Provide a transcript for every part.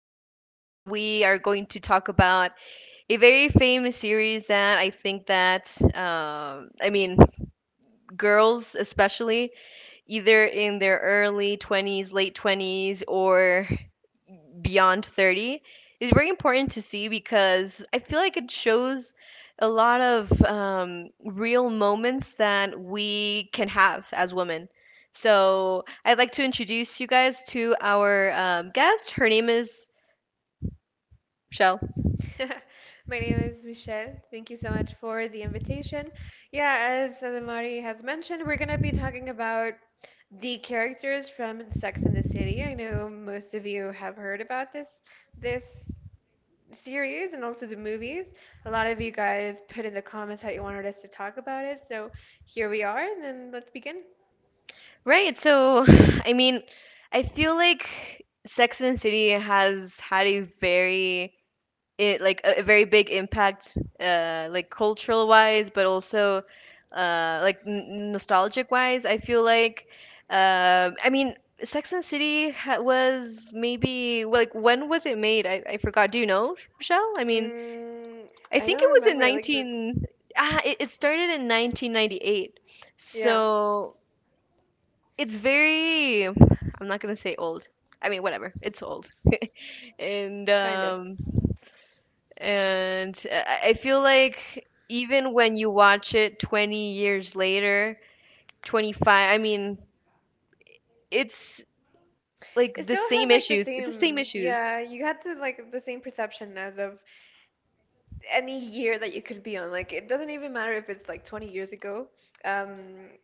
Today we are going to talk about a very famous series that I think that, I mean, girls especially, either in their early 20s, late 20s or beyond 30, is very important to see because I feel like it shows a lot of, real moments that we can have as women. So I'd like to introduce you guys to our, guest. Her name is Shell. My name is Michelle. Thank you so much for the invitation. Yeah, as Adamari has mentioned, we're gonna be talking about the characters from Sex and the City. I know most of you have heard about this series and also the movies. A lot of you guys put in the comments that you wanted us to talk about it, so here we are, and then let's begin. Right. So, I mean, I feel like Sex and the City has had a very— it like a very big impact, like, cultural wise, but also nostalgic wise. I feel like, um i mean Sex and the City was maybe, well, like, when was it made? I forgot. Do you know, Michelle? I mean, Mm, I I think it don't was in remember. Like the 19— Ah, it started in 1998, yeah, so it's very— I'm not gonna say old. I mean, whatever, it's old. and kind of. um and I feel like even when you watch it 20 years later, 25, I mean, it's It still like the has like same the issues. It's the same, same yeah, issues. you had the like the same perception as of any year that you could be on. Like it doesn't even matter if it's like 20 years ago. Um,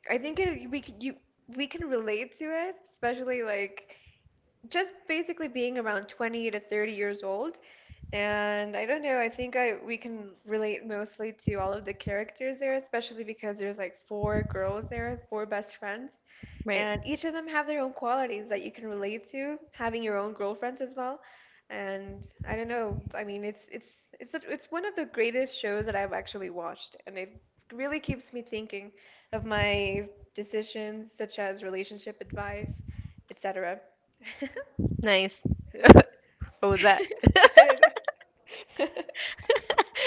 I think it, we could, you we can relate to it, especially like just basically being around 20 to 30 years old. And I don't know, I think I we can relate mostly to all of the characters there, especially because there's like four girls there, four best friends, Right. and each of them have their own qualities that you can relate to, having your own girlfriends as well. And I don't know, I mean it's one of the greatest shows that I've actually watched, and it really keeps me thinking of my decisions such as relationship advice, etc. Nice. What was that? I don't know.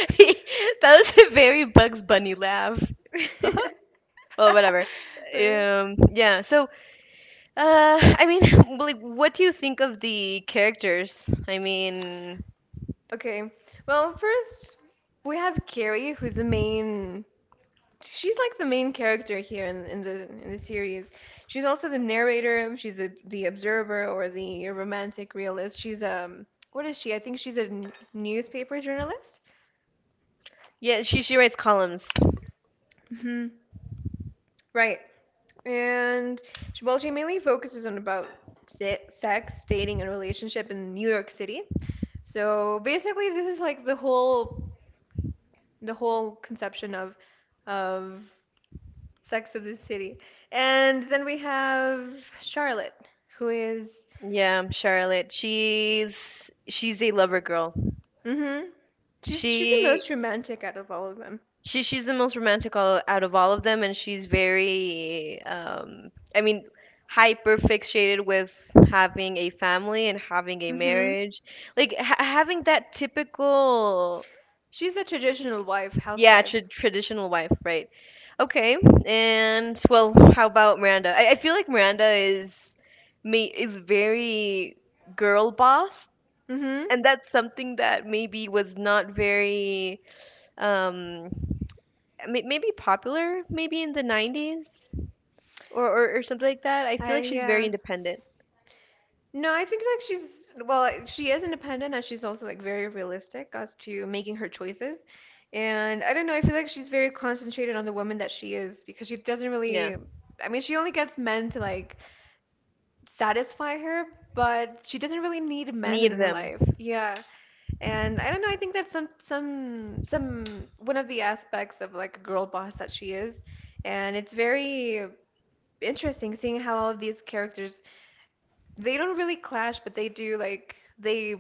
That was a very Bugs Bunny laugh. Well, whatever. Uh, Yeah. So, I mean, like, what do you think of the characters? I mean, Okay. Well, first we have Carrie, who's the main. She's like the main character here in the series. She's also the narrator. She's the observer or the romantic realist. She's what is she? I think she's a newspaper journalist. yeah, she writes columns. Hmm Right. And she mainly focuses on about se sex, dating, and relationship in New York City. So basically, this is like the whole conception of of Sex of the City. And then we have Charlotte, who is Yeah, Charlotte. She's a lover girl. mm-hmm. She's the she most romantic out of all of them. she's the most romantic out of all of them, and she's very, hyper fixated with having a family and having a Mm-hmm. marriage, like having that typical— She's a traditional wife, yeah, housewife. Traditional wife, right. Okay. And, well, how about Miranda? I feel like Miranda is very girl boss, Mm-hmm. and that's something that maybe was not very, um maybe popular, maybe in the 90s, or something like that. I feel I like she's very yeah. independent. No, I think like she is independent and she's also like very realistic as to making her choices. And I don't know, I feel like she's very concentrated on the woman that she is because she doesn't Yeah. really I mean, she only gets men to like satisfy her, but she doesn't really need men in Need her them. life. Yeah. And I don't know, I think that's some one of the aspects of like a girl boss that she is. And it's very interesting seeing how all of these characters they don't really clash, but they do like they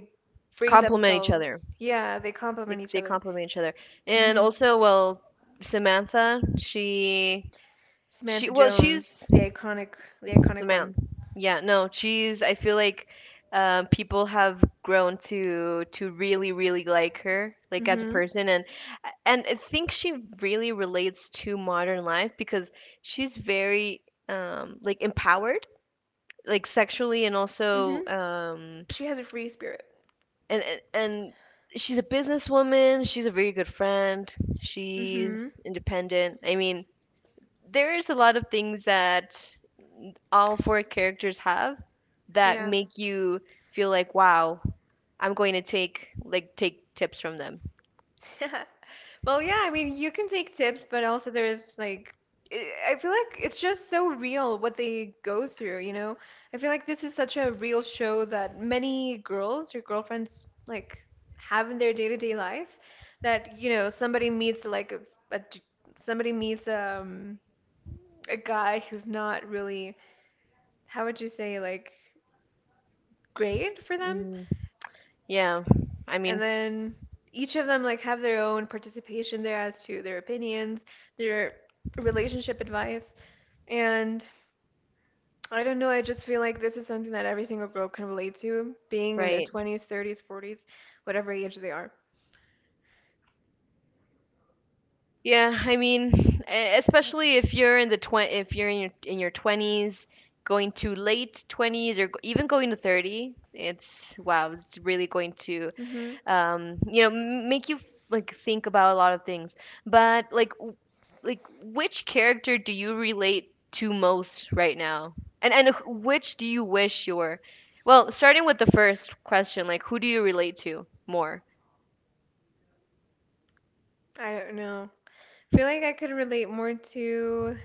bring Complement each other. themselves. Yeah, they They, complement each they other. complement each other. And Hmm also, well, Samantha, she— she, Samantha well, Jones, she's— the so iconic one. man, yeah, no, cheese. I feel like, people have grown to really, really like her, like, as a Hmm person, and I think she really relates to modern life because she's very, like, empowered, like, sexually, and hmm also, She has a free spirit. and and. And She's a businesswoman. She's a very good friend. Hmm She's independent. I mean, there's a lot of things that all four characters have that make you feel like, wow, I'm going to take tips from them. Well, yeah, I mean, you can take tips, but also there's like, I feel like it's just so real what they go through, you know? I feel like this is such a real show that many girls or girlfriends like have in their day-to-day life that, you know, somebody meets like a d- somebody meets a guy who's not really, how would you say, like great for them, Mm, yeah, I and mean. then each of them like have their own participation there as to their opinions, their relationship advice, and I don't know, I just feel like this is something that every single girl can relate to, being in their Right. 20s, 30s, 40s, whatever age they are. Yeah, I mean, especially if you're in the twen- if you're in your 20s, going to late 20s, or even going to 30, it's— wow, it's really going to, Hmm make you, like, think about a lot of things. But, like, which character do you relate to most right now? And which do you wish you were? Well, starting with the first question, like, who do you relate to more? I don't know. I feel like I could relate more to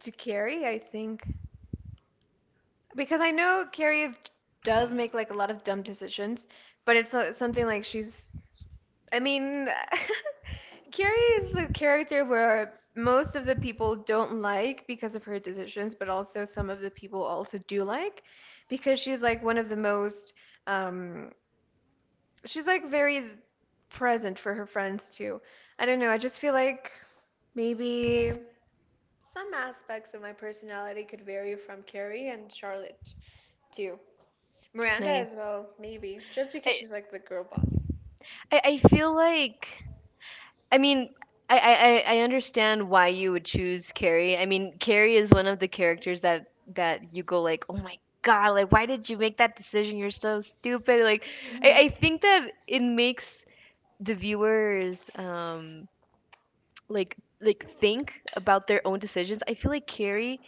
Carrie, I think, because I know Carrie is, does make like a lot of dumb decisions, but it's not something like I mean, Carrie is the character where most of the people don't like because of her decisions, but also some of the people also do like because she's like one of the most, um, she's like very present for her friends too. I don't know, I just feel like maybe some aspects of my personality could vary from Carrie and Charlotte too. Miranda Nice. as well, maybe, just because i she's like the girl boss. i, I feel like, I mean, I understand why you would choose Carrie. I mean, Carrie is one of the characters that you go like, oh my god, like, why did you make that decision? You're so stupid, like— i, Mm-hmm. I think that it makes the viewers, like, think about their own decisions. I feel like Carrie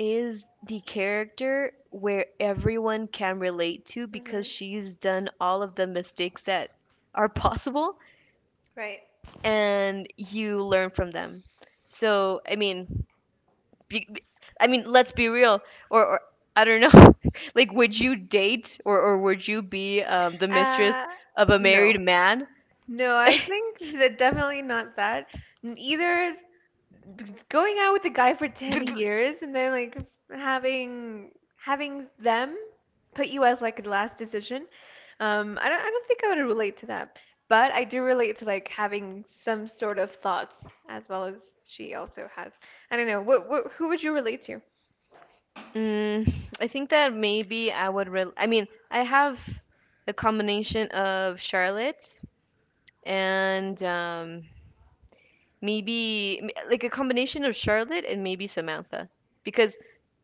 is the character where everyone can relate to, because Mm-hmm. she's done all of the mistakes that are possible, Right. and you learn from them. So, I mean, be, be- I mean, let's be real, or I don't know. Like, would you date, or would you be, the mistress Uh, of a no. married man? No, I think that definitely not that. Either going out with a guy for 10 years and then like having having them put you as like the last decision. I don't think I would relate to that. But I do relate to like having some sort of thoughts as well as she also has. I don't know. What who would you relate to? Mm, I think that maybe I would really— I mean, I have a combination of Charlotte and, like, a combination of Charlotte and maybe Samantha, because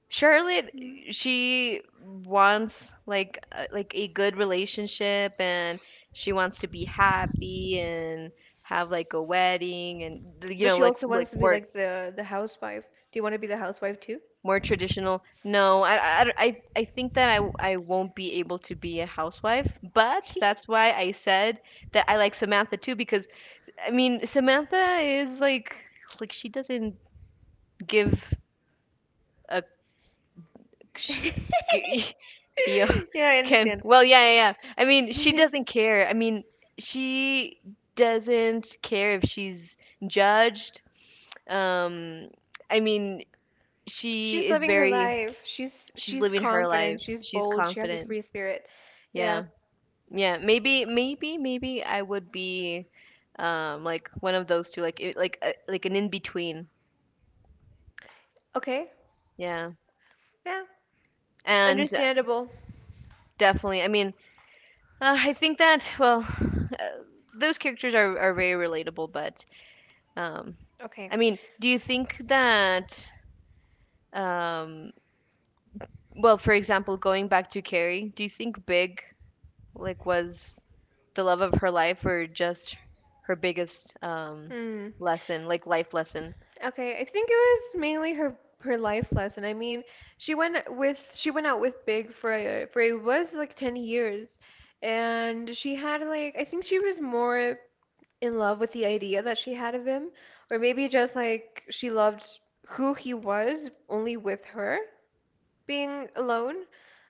Charlotte, Mm. she wants like a— like a good relationship, and she wants to be happy and have like a wedding, and, But she like, also wants to be like the housewife. Do you want to be the housewife too? more traditional. No, I think that I won't be able to be a housewife, but that's why I said that I like Samantha too, because I mean, Samantha is, like, she doesn't give a— sh- g- yeah, Yeah, I can, understand. well, yeah, yeah, yeah. I mean, she doesn't care. I mean, she doesn't care if she's judged. Um, I mean, she She's is living her very— life. She's she's she's living her confident, life. she's She's bold, she has a confident. free spirit. Yeah. Yeah. Yeah. Maybe, maybe, maybe I would be, like, one of those two, like— like, like, an in between. Okay. Yeah. Yeah. And, Understandable. definitely, I mean, I think that, well, those characters are very relatable, but, um Okay. I mean, do you think that, um well, for example, going back to Carrie, do you think Big, like, was the love of her life, or just her biggest, Hmm. lesson, like, life lesson? Okay. I think it was mainly her her life lesson. I mean, she went out with Big for it was like 10 years. And she had like I think she was more in love with the idea that she had of him, or maybe just like she loved who he was only with her being alone,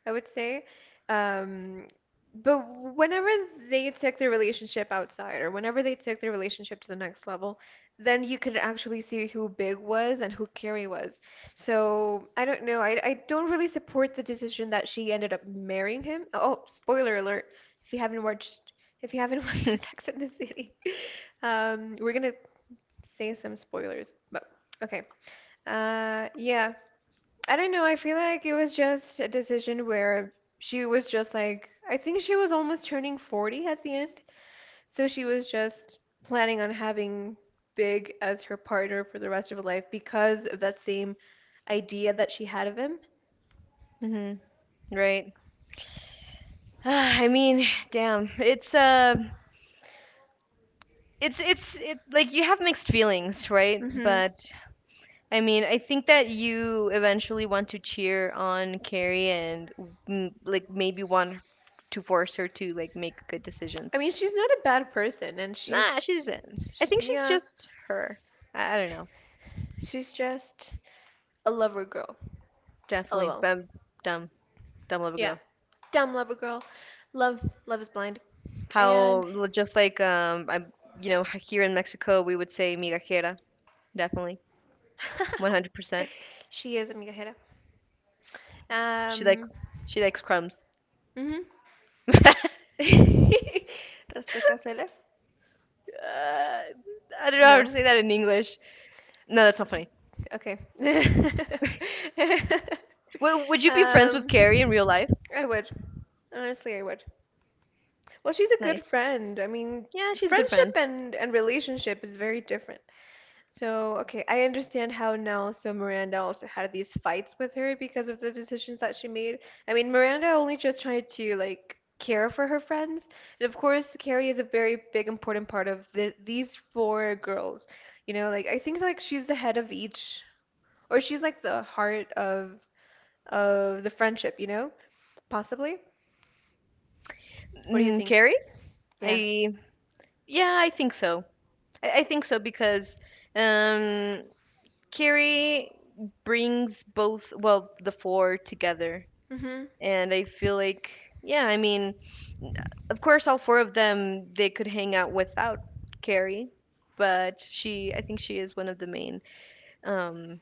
I would say. Um, but whenever they took their relationship outside, or whenever they took their relationship to the next level, then you could actually see who Big was and who Carrie was. So I don't know. I don't really support the decision that she ended up marrying him. Oh, spoiler alert! If you haven't watched, if you haven't watched Sex and the City. We're gonna say some spoilers, but okay. Yeah. I don't know. I feel like it was just a decision where she was just like, I think she was almost turning 40 at the end, so she was just planning on having Big as her partner for the rest of her life because of that same idea that she had of him. Mhm. Right. I mean, damn. It's it like, you have mixed feelings, right? Hmm But I mean, I think that you eventually want to cheer on Carrie, and, like, maybe want to force her to, like, make good I decisions. mean, she's not a bad person, and Nah, she's she's, in— I sh think she's yeah, just her. I don't know. she's just a lover girl. Definitely, LOL. but I'm— dumb, dumb little Yeah. girl. Dumb lover girl. Love Love is Blind. And Just like, I you know, here in Mexico we would say migajera. Definitely, 100%. she is amiga Jera. She like Um she likes crumbs. mhm. uh, Rascacazuelas? I don't know how No. to say that in English. No, that's not funny. Okay. Would you be friends with Carrie in real Um life? I would. Honestly, I would. Well, she's a Nice. good friend. I mean, Yeah, she's a good friendship friend. and relationship is very different. So, okay, I understand how now. So, Miranda also had these fights with her because of the decisions that she made. I mean, Miranda only just tried to, like, care for her friends. And of course, Carrie is a very big, important part of these four girls. You know, like, I think, like, she's the head of each, or she's, like, the heart of the friendship, you know? Possibly? What do you Mm, think? Carrie? Yeah. I— yeah, I think so. I think so because, um, Carrie brings both, well, the four together, Mm-hmm. and I feel like, yeah, I mean, of course, all four of them, they could hang out without Carrie, but she I think she is one of the main, um,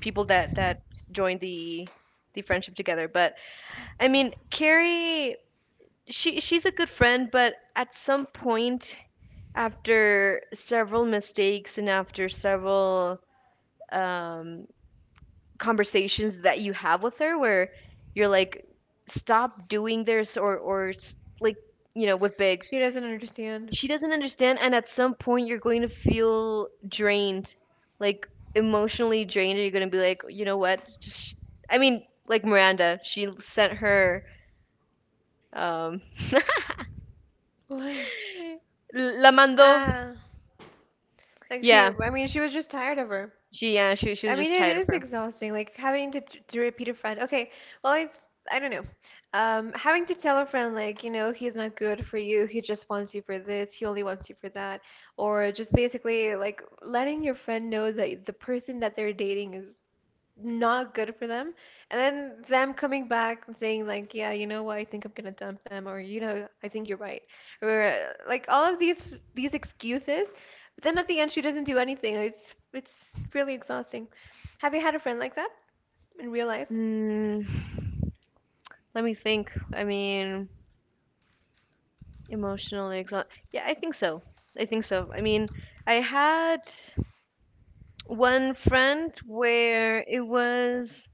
people that joined the friendship together. But I mean, Carrie, she's a good friend, but at some point, after several mistakes and after several, um, conversations that you have with her, where you're like, stop doing this, or, like, you know, with Big, She doesn't understand. she doesn't understand. And at some point you're going to feel drained, like, emotionally drained, or you're going to be like, you know what? Just— I mean, like, Miranda, she sent her, um What? la mandó. Ah, like she, yeah I mean, she was just tired of her. she yeah she, she was I mean, just it tired of is her. exhausting, like having to t to repeat a friend. Okay, well, it's I don't know. Having to tell a friend like, you know, he's not good for you. He just wants you for this. He only wants you for that. Or just basically like letting your friend know that the person that they're dating is not good for them. And then them coming back and saying like, yeah, you know what, I think I'm gonna dump them, or you know, I think you're right, or like all of these excuses. But then at the end, she doesn't do anything. It's really exhausting. Have you had a friend like that in real life? Mm, let me think. I mean, emotionally exhausted, yeah, I think so. I think so. I mean, I had one friend where it was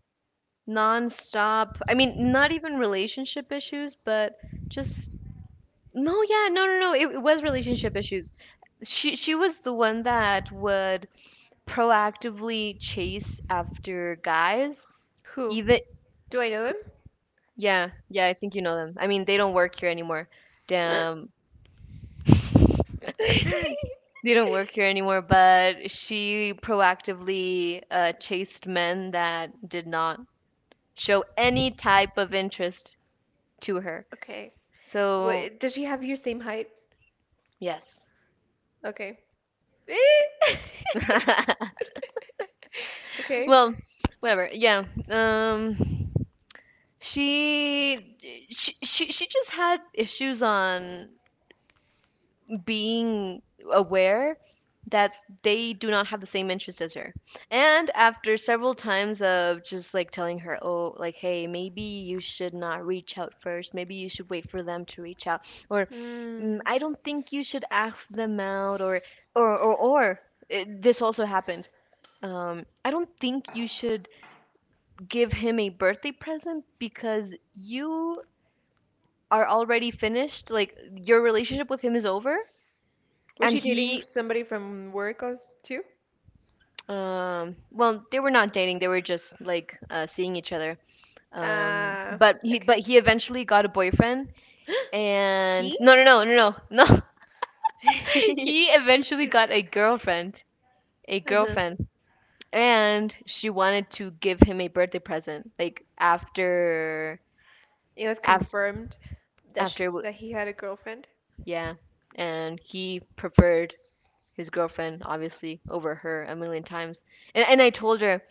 nonstop. I mean, not even relationship issues, but just— no, yeah, no, no, no. It was relationship issues. She was the one that would proactively chase after guys. Who? Even— Do I know yeah, yeah, I think you know them. I mean, they don't work here anymore. him? Damn. They don't work here anymore, but she proactively, chased men that did not show any type of interest to her. Okay. So— Wait, does she have your same height? yes. Okay. Okay. Well, whatever. Yeah. She, she just had issues on being aware that they do not have the same interests as her. And after several times of just, like, telling her, "Oh, like, hey, maybe you should not reach out first. Maybe you should wait for them to reach out." Or, "Mm, Hmm. I don't think you should ask them out, or this also happened— I don't think you should give him a birthday present because you are already finished. Like, your relationship with him is over," Was and she dating he— somebody from work as too? Well, they were not dating. They were just, like, seeing each other. Um, Uh, but he, but okay. he eventually got a boyfriend, and He? no, no, no, no, no, no. He eventually got a Uh-huh. girlfriend, and she wanted to give him a birthday present, like, after— It was after confirmed that sh after that he had a girlfriend. yeah, and he preferred his girlfriend, obviously, over her a million times. And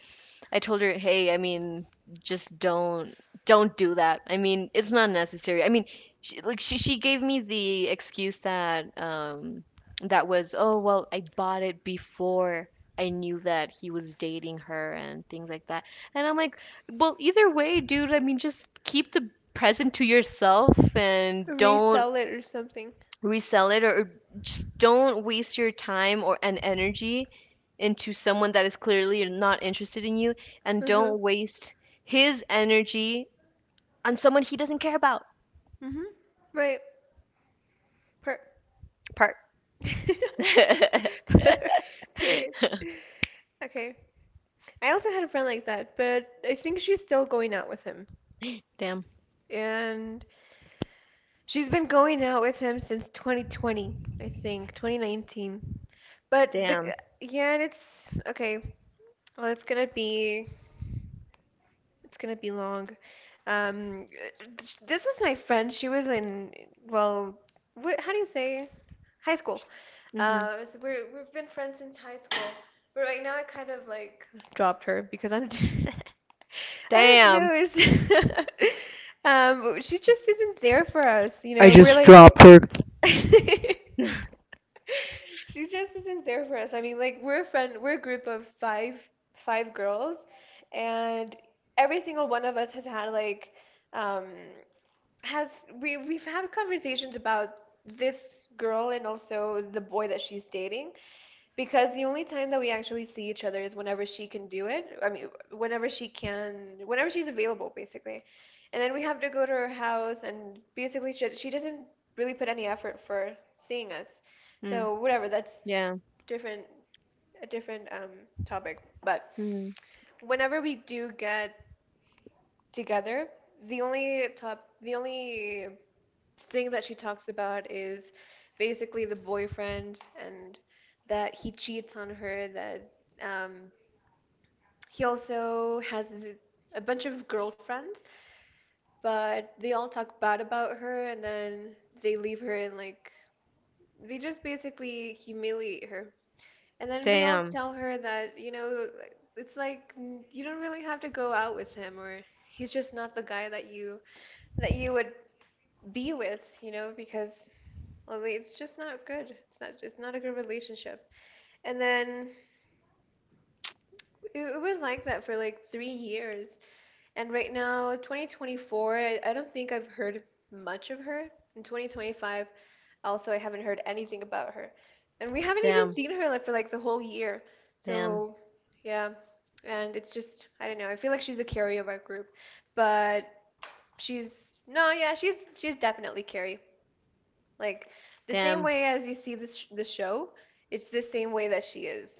I told her, "Hey, I mean, just don't do that. I mean, it's not necessary. I mean," she, like she gave me the excuse, that was, "Oh, well, I bought it before I knew that he was dating her and things like that." And I'm like, "Well, either way, dude, I mean, just keep the present to yourself and don't Resell it or something. resell it, or just don't waste your time or and energy into someone that is clearly not interested in you, and Uh-huh. don't waste his energy on someone he doesn't care about." Mm-hmm. Right. Per Part. Period. Okay. I also had a friend like that, but I think she's still going out with him. Damn. And she's been going out with him since 2020, I think, 2019. But the Damn. yeah, and it's okay. Well, it's gonna be long. Um, this was my friend. She was in well, wh how do you say high school? Hmm. So we've been friends since high school. But right now, I kind of like dropped her because I'm I don't Damn. know. It's she just isn't there for us. You I know, we're just like. dropped her. She just isn't there for us. I mean, like we're a group of five girls, and every single one of us has had like um has we've had conversations about this girl and also the boy that she's dating. Because the only time that we actually see each other is whenever she can do it. I mean, whenever she can, whenever she's available, basically. And then we have to go to her house, and basically, she doesn't really put any effort for seeing us. Mm. So whatever, that's Yeah. different, a different topic. But Mm. whenever we do get together, the only thing that she talks about is basically the boyfriend and that he cheats on her, that um, he also has a bunch of girlfriends, but they all talk bad about her and then they leave her, and like they just basically humiliate her. And then we all Damn. tell her that, you know, it's like you don't really have to go out with him, or he's just not the guy that you would be with, you know, because well, it's just not good. It's not a good relationship. And then it was like that for like 3 years. And right now, 2024, I don't think I've heard much of her. In 2025, also, I haven't heard anything about her. And we haven't even Damn. seen her like for like the whole year. Damn. So, yeah. And it's just, I don't know. I feel like she's a carry of our group. But she's, no, yeah, she's definitely carry. Like the same Damn. way as you see this sh the show, it's the same way that she is.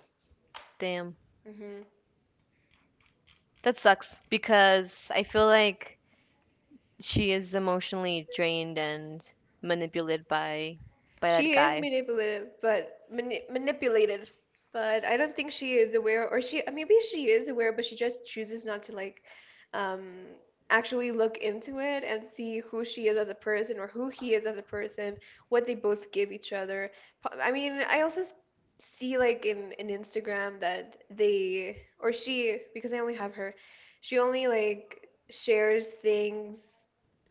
Damn. hmm That sucks because I feel like she is emotionally drained and manipulated by that She is guy. manipulative, but manipulated. But I don't think she is aware, or she maybe she is aware, but she just chooses not to like um, actually look into it and see who she is as a person or who he is as a person, what they both give each other. I mean, I also see like in Instagram that they or she, because I only have her, she only like shares things,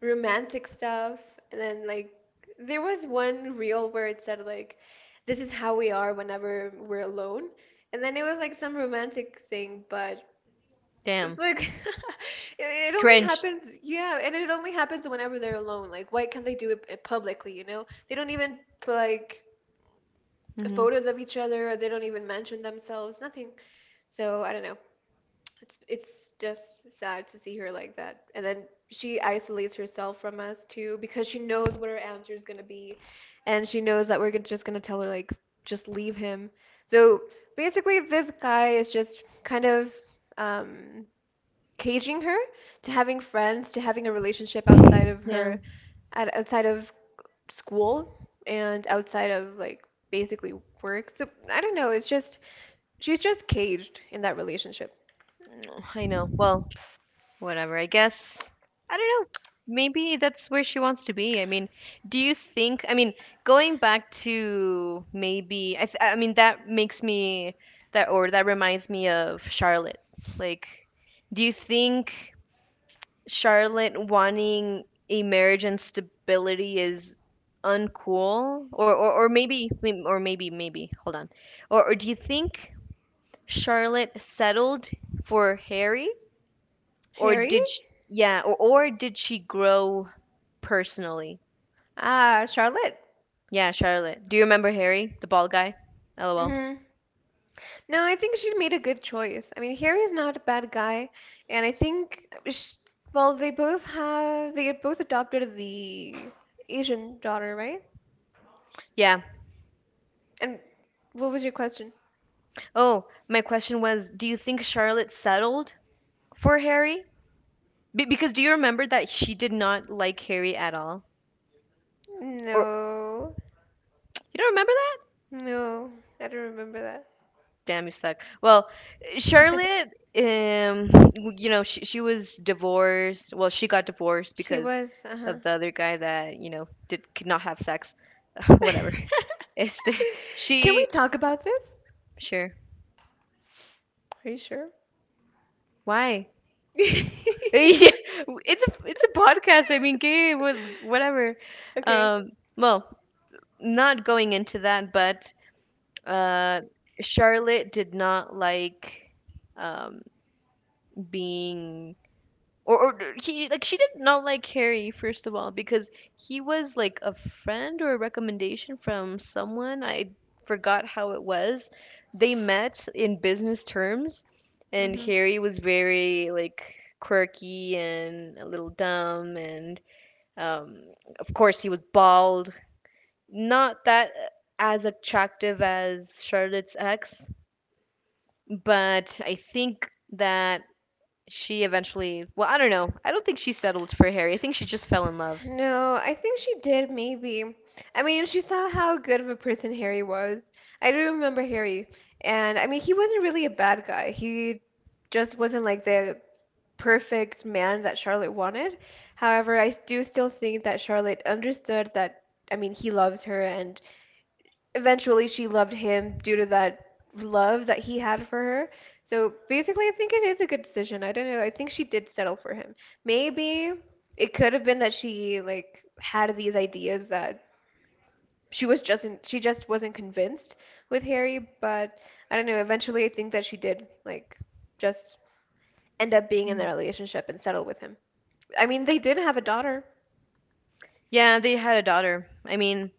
romantic stuff, and then like there was one reel where it said like, "This is how we are whenever we're alone," and then it was like some romantic thing, but it's Damn. like it only Cringe. happens, yeah, and it only happens whenever they're alone. Like, why can't they do it publicly? You know, they don't even put like Mhm. photos of each other, or they don't even mention themselves, nothing. So I don't know. It's just sad to see her like that. And then she isolates herself from us too because she knows what her answer is gonna be, and she knows that we're gonna- just gonna tell her like just leave him. So basically, this guy is just kind of um, caging her to having friends, to having a relationship outside of Yeah. her, outside of school, and outside of like basically work. So I don't know. It's just she's just caged in that relationship. Mm, I know. Well, whatever. I guess, I don't know. Maybe that's where she wants to be. Do you think? Going back to maybe. I. Th- I mean, That makes me that or that reminds me of Charlotte. Like, do you think? Charlotte wanting a marriage and stability is uncool or maybe or maybe hold on or do you think Charlotte settled for Harry or Harry? did sh yeah or did she grow personally Ah, Charlotte. yeah Charlotte, do you remember Harry, the bald guy? Lol. hmm No, I think she made a good choice. I mean, Harry's not a bad guy, and I think, sh well, they both adopted the Asian daughter, right? Yeah, And what was your question? oh my question was, do you think Charlotte settled for Harry? Be because, do you remember that she did not like Harry at all? Or No, you don't remember. no, I don't remember that. Damn, you suck. Well, Charlotte, she was divorced. Well, she got divorced She because was, uh-huh. of the other guy that, did could not have sex. Whatever. It's the, Can we she, talk about this? sure. Are you sure? Why? Yeah, it's a podcast. Gay, what- whatever. Okay. Um, well, not going into that, but uh, Charlotte did not like um, being or she like she did not like Harry, first of all, because he was like a friend or a recommendation from someone. I forgot how it was. They met in business terms, and hmm Harry was very like quirky and a little dumb, and um, of course he was bald. Not that as attractive as Charlotte's ex, but I think that she eventually, well, I don't know. I don't think she settled for Harry. I think she just fell in love. No, I think she did maybe. I mean, she saw how good of a person Harry was. I do remember Harry, and I mean, he wasn't really a bad guy. He just wasn't like the perfect man that Charlotte wanted. However, I do still think that Charlotte understood that, I mean, he loved her, and eventually she loved him due to that love that he had for her. So basically, I think it is a good decision. I don't know. I think she did settle for him. Maybe it could have been that she like had these ideas that she just wasn't convinced with Harry, but I don't know. Eventually, I think that she did like just end up being in their Mm. relationship and settle with him. I mean, they did have a daughter. Yeah, they had a daughter.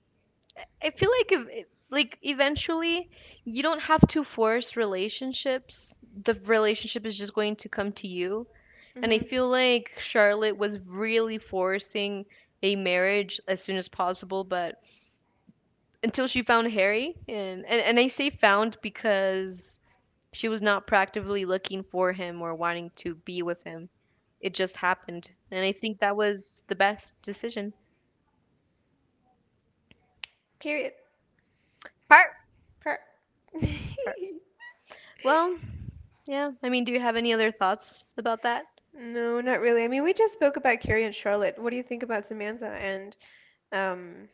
I feel like if- like eventually you don't have to force relationships. The relationship is just going to come to you. And I hmm feel like Charlotte was really forcing a marriage as soon as possible, but until she found Harry and I say found because she was not practically looking for him or wanting to be with him. It just happened, and I think that was the best decision. Period. Part. Per. Part. Well, yeah. I mean, do you have any other thoughts about that? No, not really. I mean, we just spoke about Carrie and Charlotte. What do you think about Samantha and um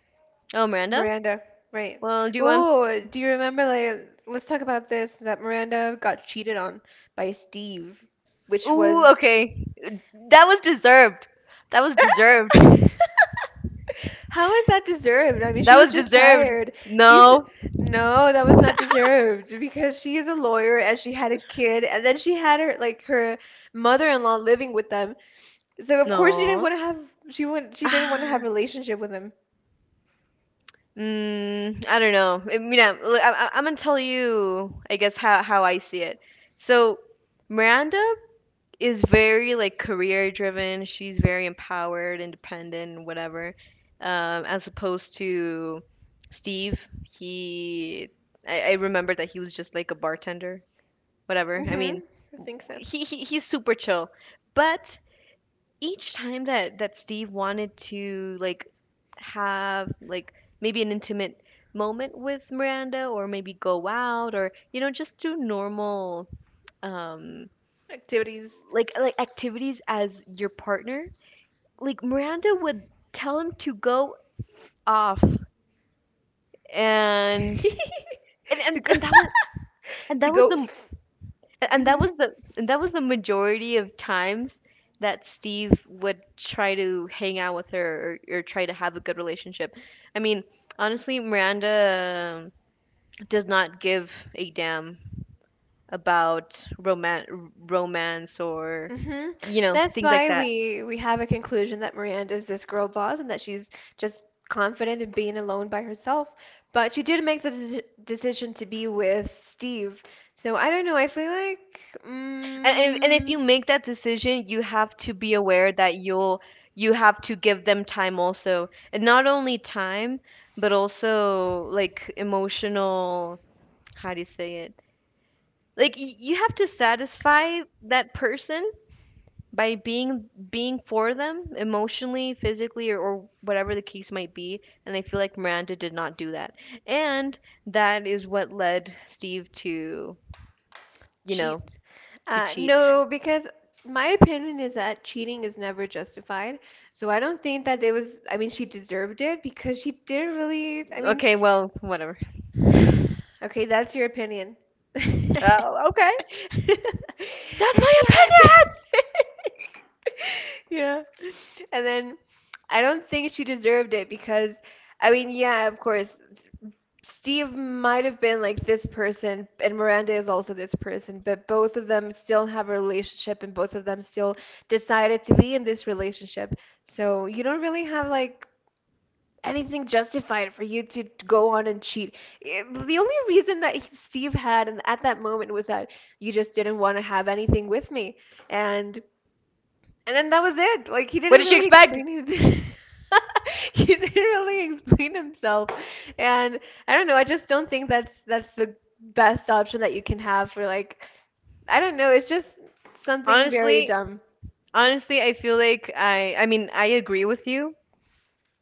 Oh, Miranda. Miranda? Right. Well, do you want? Oh, do you remember, like, let's talk about this that Miranda got cheated on by Steve, which Ooh, was. okay. That was deserved. That was deserved. How is that deserved? I mean, she That was was just deserved. tired. She's No. No, that was not deserved because she is a lawyer and she had a kid, and then she had her like her mother-in-law living with them. So of course she didn't No. want to have, she didn't want to have Ah. a relationship with him. Mm, I don't know. I'm gonna tell you, I guess, how I see it. So Miranda is very like career driven. She's very empowered, independent, whatever. As opposed to Steve, he I remember that he was just like a bartender, whatever. Hmm I think so. he he's super chill, but each time that Steve wanted to like have like maybe an intimate moment with Miranda, or maybe go out, or just do normal um Activities. like activities as your partner, like Miranda would tell him to go off and and to and, go. and that was and to that was go. the hmm and that was the majority of times that Steve would try to hang out with her, or try to have a good relationship. I mean, Honestly, Miranda does not give a damn about roman romance or hmm That's things like why that. we have a conclusion that Miranda is this girl boss, and that she's just confident in being alone by herself. But she did make the decision to be with Steve. So I don't know. I feel like And if you make that decision, you have to be aware that you'll you have to give them time also. And not only time, but also like emotional, how do you say it? Like y- you have to satisfy that person by being for them emotionally, physically, or whatever the case might be. And I feel like Miranda did not do that. And that is what led Steve to, you know, cheat. to cheat. No, because my opinion is that cheating is never justified. So I don't think that it was, I mean, she deserved it because she didn't really, I mean, Okay, well, whatever. okay, that's your opinion. That's Okay. That's my your opinion. opinion. Yeah. And then I don't think she deserved it because, I mean, yeah, of course, Steve might have been like this person, and Miranda is also this person, but both of them still have a relationship, and both of them still decided to be in this relationship. So you don't really have like anything justified for you to go on and cheat. The only reason that Steve had and at that moment was that you just didn't want to have anything with me, and and then that was it. Like he What didn't did she really expect? explain his, he didn't really explain himself. And I don't know, I just don't think that's the best option that you can have for like, I don't know, it's just something very Honestly, dumb. honestly, I feel like I agree with you,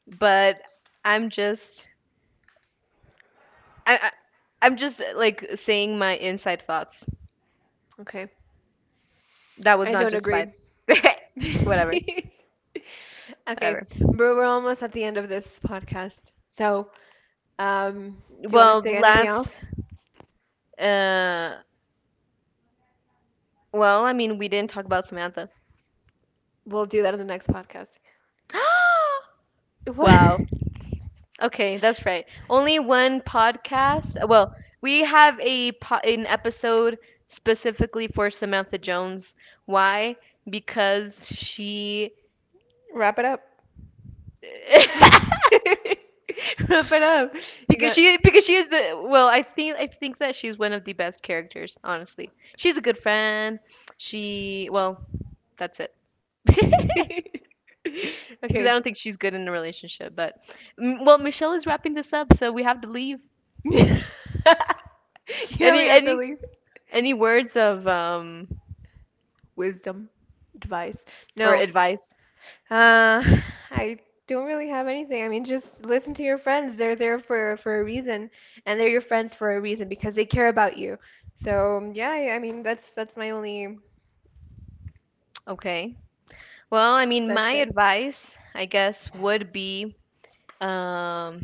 but I'm just I, I I'm just like saying my inside thoughts. Okay. That was I not don't agree. justified. whatever, Okay, whatever. but we're almost at the end of this podcast. So, um, do you want to Well, say anything else? last uh well, I mean, we didn't talk about Samantha. We'll do that in the next podcast. What? Wow. Okay, that's right. Only one podcast. Well, we have a po- an episode specifically for Samantha Jones. Why? Because she Wrap it up. Wrap it up. You got. Because she is the well, I think that she's one of the best characters, honestly. She's a good friend. She well, that's it. Because I Okay. don't think she's good in a relationship, but M- well, Michelle is wrapping this up, so we have to leave. Yeah, we Any have to any leave. any words of Wisdom, advice. or No, advice? uh, I don't really have anything. I mean, just listen to your friends. They're there for a reason, and they're your friends for a reason because they care about you. So yeah, I mean, that's my only. Okay. Well, I mean, my That's it. advice, I guess, would be, um,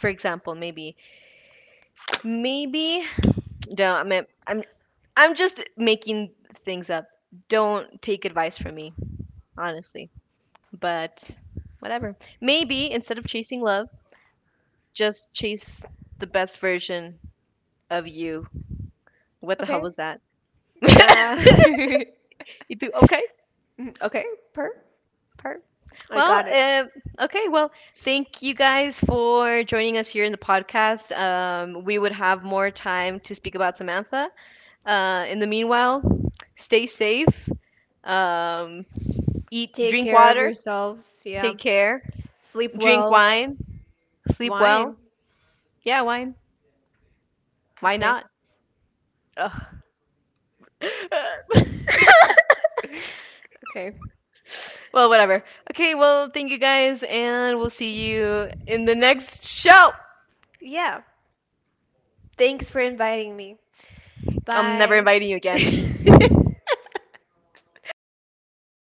for example, maybe, no, I'm just making things up. Don't take advice from me, honestly. But whatever. Maybe instead of chasing love, just chase the best version of you. What the hell Okay. was that? Nah. You do okay? Okay. Per. Part. I Well, got it. Okay. Well, thank you guys for joining us here in the podcast. We would have more time to speak about Samantha. In the meanwhile, stay safe. Um, Eat, Take drink care of water. yourselves. Yeah. Take care. Sleep Drink well. wine. Sleep well. Wine. Yeah, wine. Why Okay. not? Ugh. Okay. well, whatever. Okay. Well, thank you guys, and we'll see you in the next show. Yeah. Thanks for inviting me. I'm never Bye. inviting you again.